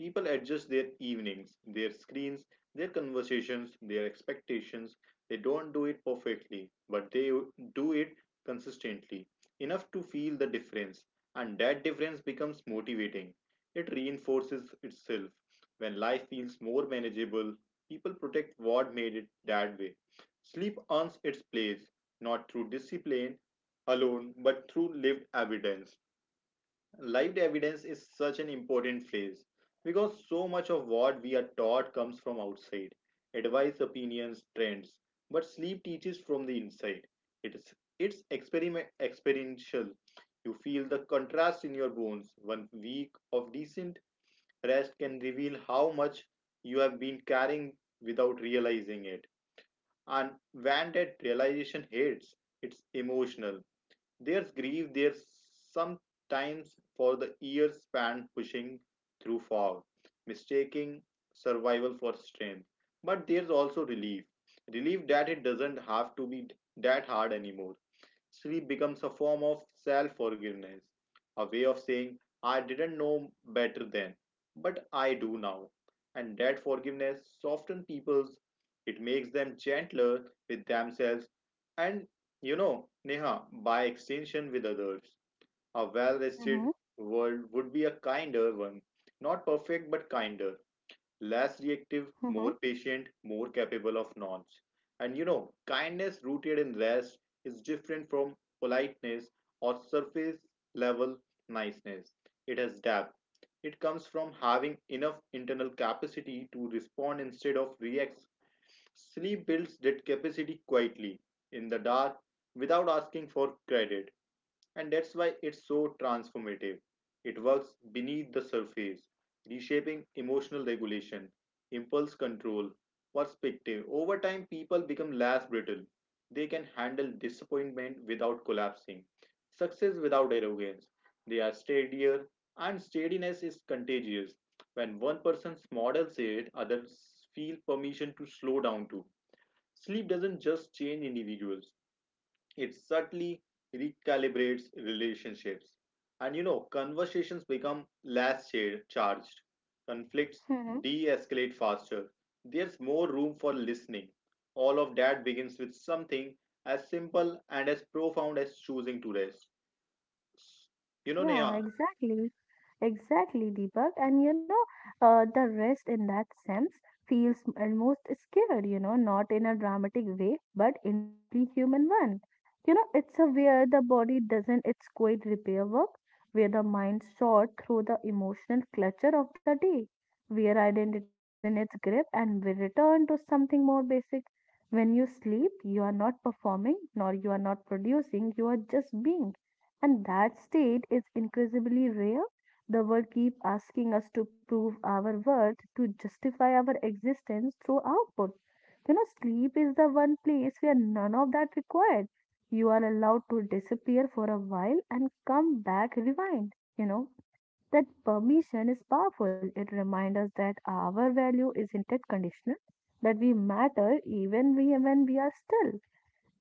S2: People adjust their evenings, their screens, their conversations, their expectations. They don't do it perfectly, but they do it consistently enough to feel the difference, and that difference becomes motivating. It reinforces itself. When life feels more manageable, people protect what made it that way. Sleep earns its place, not through discipline alone, but through lived evidence. Lived evidence is such an important phrase because so much of what we are taught comes from outside advice, opinions, trends. But sleep teaches from the inside. It's experiential. You feel the contrast in your bones. One week of decent rest can reveal how much you have been carrying without realizing it. And when that realization hits, it's emotional. There's grief, there's sometimes for the years spent pushing through fog, mistaking survival for strength. But there's also relief. Relief that it doesn't have to be that hard anymore. Sleep becomes a form of self forgiveness, a way of saying, I didn't know better then, but I do now. And that forgiveness softens people's, it makes them gentler with themselves, and you know, Neha, by extension with others. A well
S1: Mm-hmm,
S2: rested world would be a kinder one, not perfect but kinder, less reactive, more patient, more capable of nonce. And you know, kindness rooted in rest is different from politeness or surface level niceness. It has depth. It comes from having enough internal capacity to respond instead of react. Sleep builds that capacity quietly, in the dark, without asking for credit, and that's why it's so transformative. It works beneath the surface, reshaping emotional regulation, impulse control, perspective. Over time, people become less brittle. They can handle disappointment without collapsing, success without arrogance. They are steadier, and steadiness is contagious. When one person models it, others feel permission to slow down too. Sleep doesn't just change individuals, it subtly recalibrates relationships. And you know, conversations become less charged. Conflicts
S1: mm-hmm.
S2: de escalate faster. There's more room for listening. All of that begins with something as simple and as profound as choosing to rest. You know,
S1: Yeah,
S2: Neha?
S1: exactly. Exactly, Deepak. And you know, the rest in that sense feels almost scared, you know, not in a dramatic way, but in deeply human one. You know, it's a where the body doesn't its quite repair work, where the mind sort through the emotional clutter of the day, where identity loses its grip and will return to something more basic. When you sleep, you are not performing, nor you are not producing, you are just being. And that state is incredibly rare. The world keeps asking us to prove our worth, to justify our existence through output. You know, sleep is the one place where none of that required. You are allowed to disappear for a while and come back rewind. You know, that permission is powerful. It reminds us that our value isn't it conditional, that we matter even we when we are still.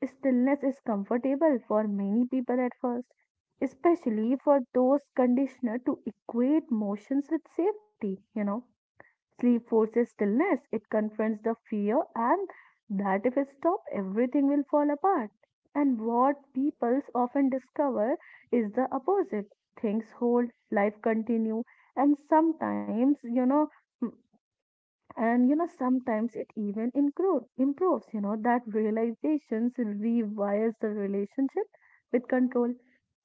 S1: Stillness is comfortable for many people at first, especially for those conditioned to equate motions with safety. You know, sleep forces stillness, it confronts the fear, and that if it stops, everything will fall apart. And what people often discover is the opposite. Things hold, life continue, and sometimes, you know, and you know sometimes it even improves, you know. That realizations rewires the relationship with control.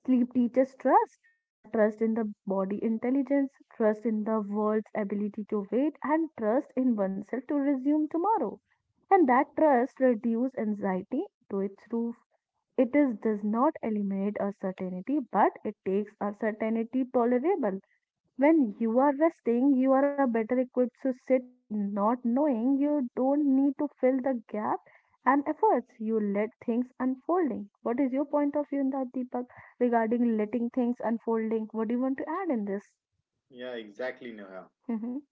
S1: Sleep teaches trust, and trust in the body intelligence, trust in the world's ability to wait, and trust in oneself to resume tomorrow. And that trust reduces anxiety to its roof. It is does not eliminate uncertainty, but it takes uncertainty tolerable. When you are resting, you are a better equipped to sit with not knowing. You don't need to fill the gap and efforts. You let things unfolding. What is your point of view in that, Deepak, regarding letting things unfolding? What do you want to add in this?
S2: Yeah, exactly, Neha.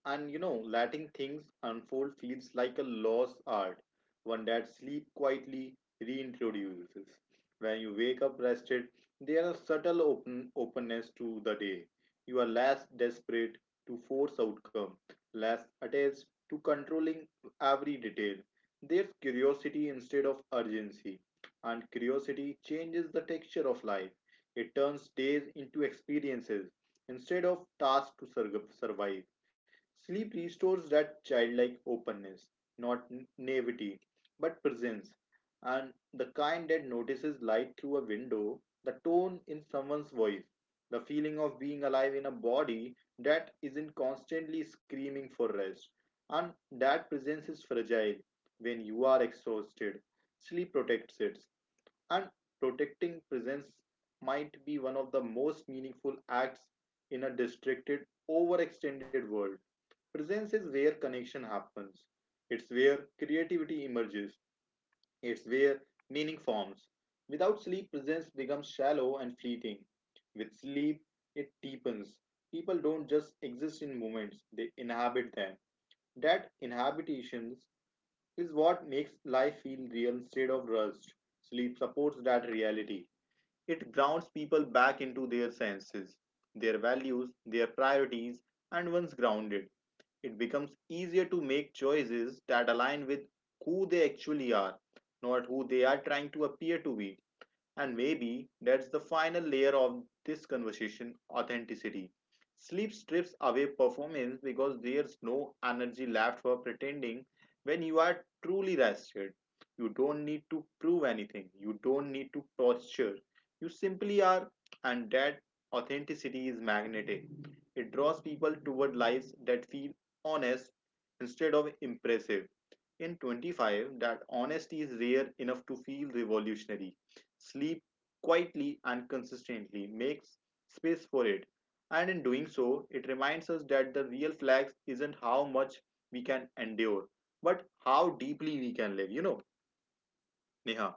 S2: And you know, letting things unfold feels like a lost art, one that sleep quietly reintroduces. When you wake up rested, there are subtle openness to the day. You are less desperate to force outcome, less attached to controlling every detail. There's curiosity instead of urgency, and curiosity changes the texture of life. It turns days into experiences instead of tasks to survive. Sleep restores that childlike openness, not naivety, but presence, and the kind that notices light through a window, the tone in someone's voice, the feeling of being alive in a body that isn't constantly screaming for rest. And that presence is fragile when you are exhausted. Sleep protects it, and protecting presence might be one of the most meaningful acts in a distracted, overextended world. Presence is where connection happens, it's where creativity emerges, it's where meaning forms. Without sleep, presence becomes shallow and fleeting. With sleep, it deepens. People don't just exist in moments, they inhabit them. That inhabitation is what makes life feel real instead of rushed. Sleep supports that reality. It grounds people back into their senses, their values, their priorities, and once grounded, it becomes easier to make choices that align with who they actually are, not who they are trying to appear to be. And maybe that's the final layer of this conversation, authenticity. Sleep strips away performance because there's no energy left for pretending when you are truly rested. You don't need to prove anything, you don't need to posture, you simply are, and that authenticity is magnetic. It draws people toward lives that feel honest instead of impressive. In 25, that honesty is rare enough to feel revolutionary. Sleep quietly and consistently makes space for it. And in doing so, it reminds us that the real flex isn't how much we can endure, but how deeply we can live. You know, Neha.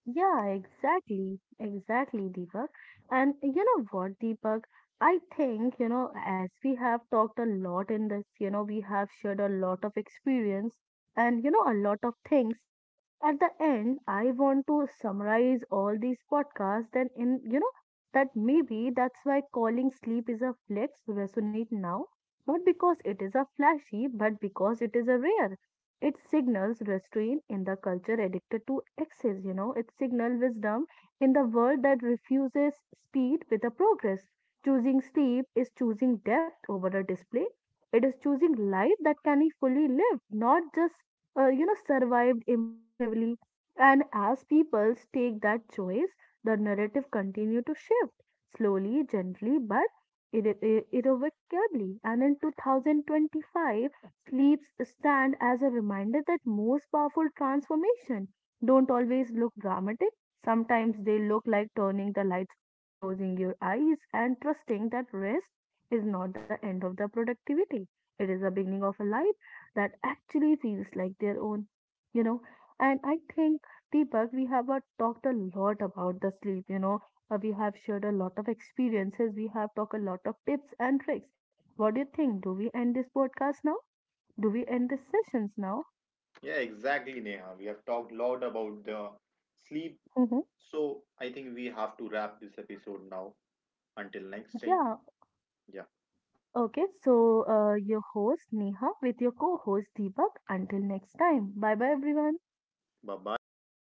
S1: Yeah, exactly, exactly, Deepak. And you know what, Deepak? I think, you know, as we have talked a lot in this, you know, we have shared a lot of experience and, you know, a lot of things. Like at the end, I want to summarize all these podcasts and in, you know, that maybe that's why calling sleep is a flex resonate now, not because it is a flashy, but because it is a rare. It signals restraint in the culture addicted to excess, you know, it signals wisdom in the world that refuses speed with a progress. Choosing sleep is choosing depth over a display. It is choosing life that can be fully lived, not just, you know, survived impressively. And as people take that choice, the narrative continue to shift slowly, gently, but irrevocably. And in 2025, sleeps stand as a reminder that most powerful transformation don't always look dramatic. Sometimes they look like turning the lights off, closing your eyes, and trusting that rest is not the end of the productivity. It is the beginning of a life that actually feels like their own, you know. And I think, Deepak, we have talked a lot about the sleep, you know. We have shared a lot of experiences, we have talked a lot of tips and tricks. What do you think? Do we end this podcast now? Do we end the sessions now?
S2: Yeah, exactly, Neha. We have talked a lot about the sleep,
S1: Mm-hmm.
S2: so I think we have to wrap this episode now. Until next time,
S1: Yeah,
S2: yeah.
S1: okay. So, your host Neha with your co host Deepak. Until next time. Bye bye, everyone.
S2: Bye bye, everyone.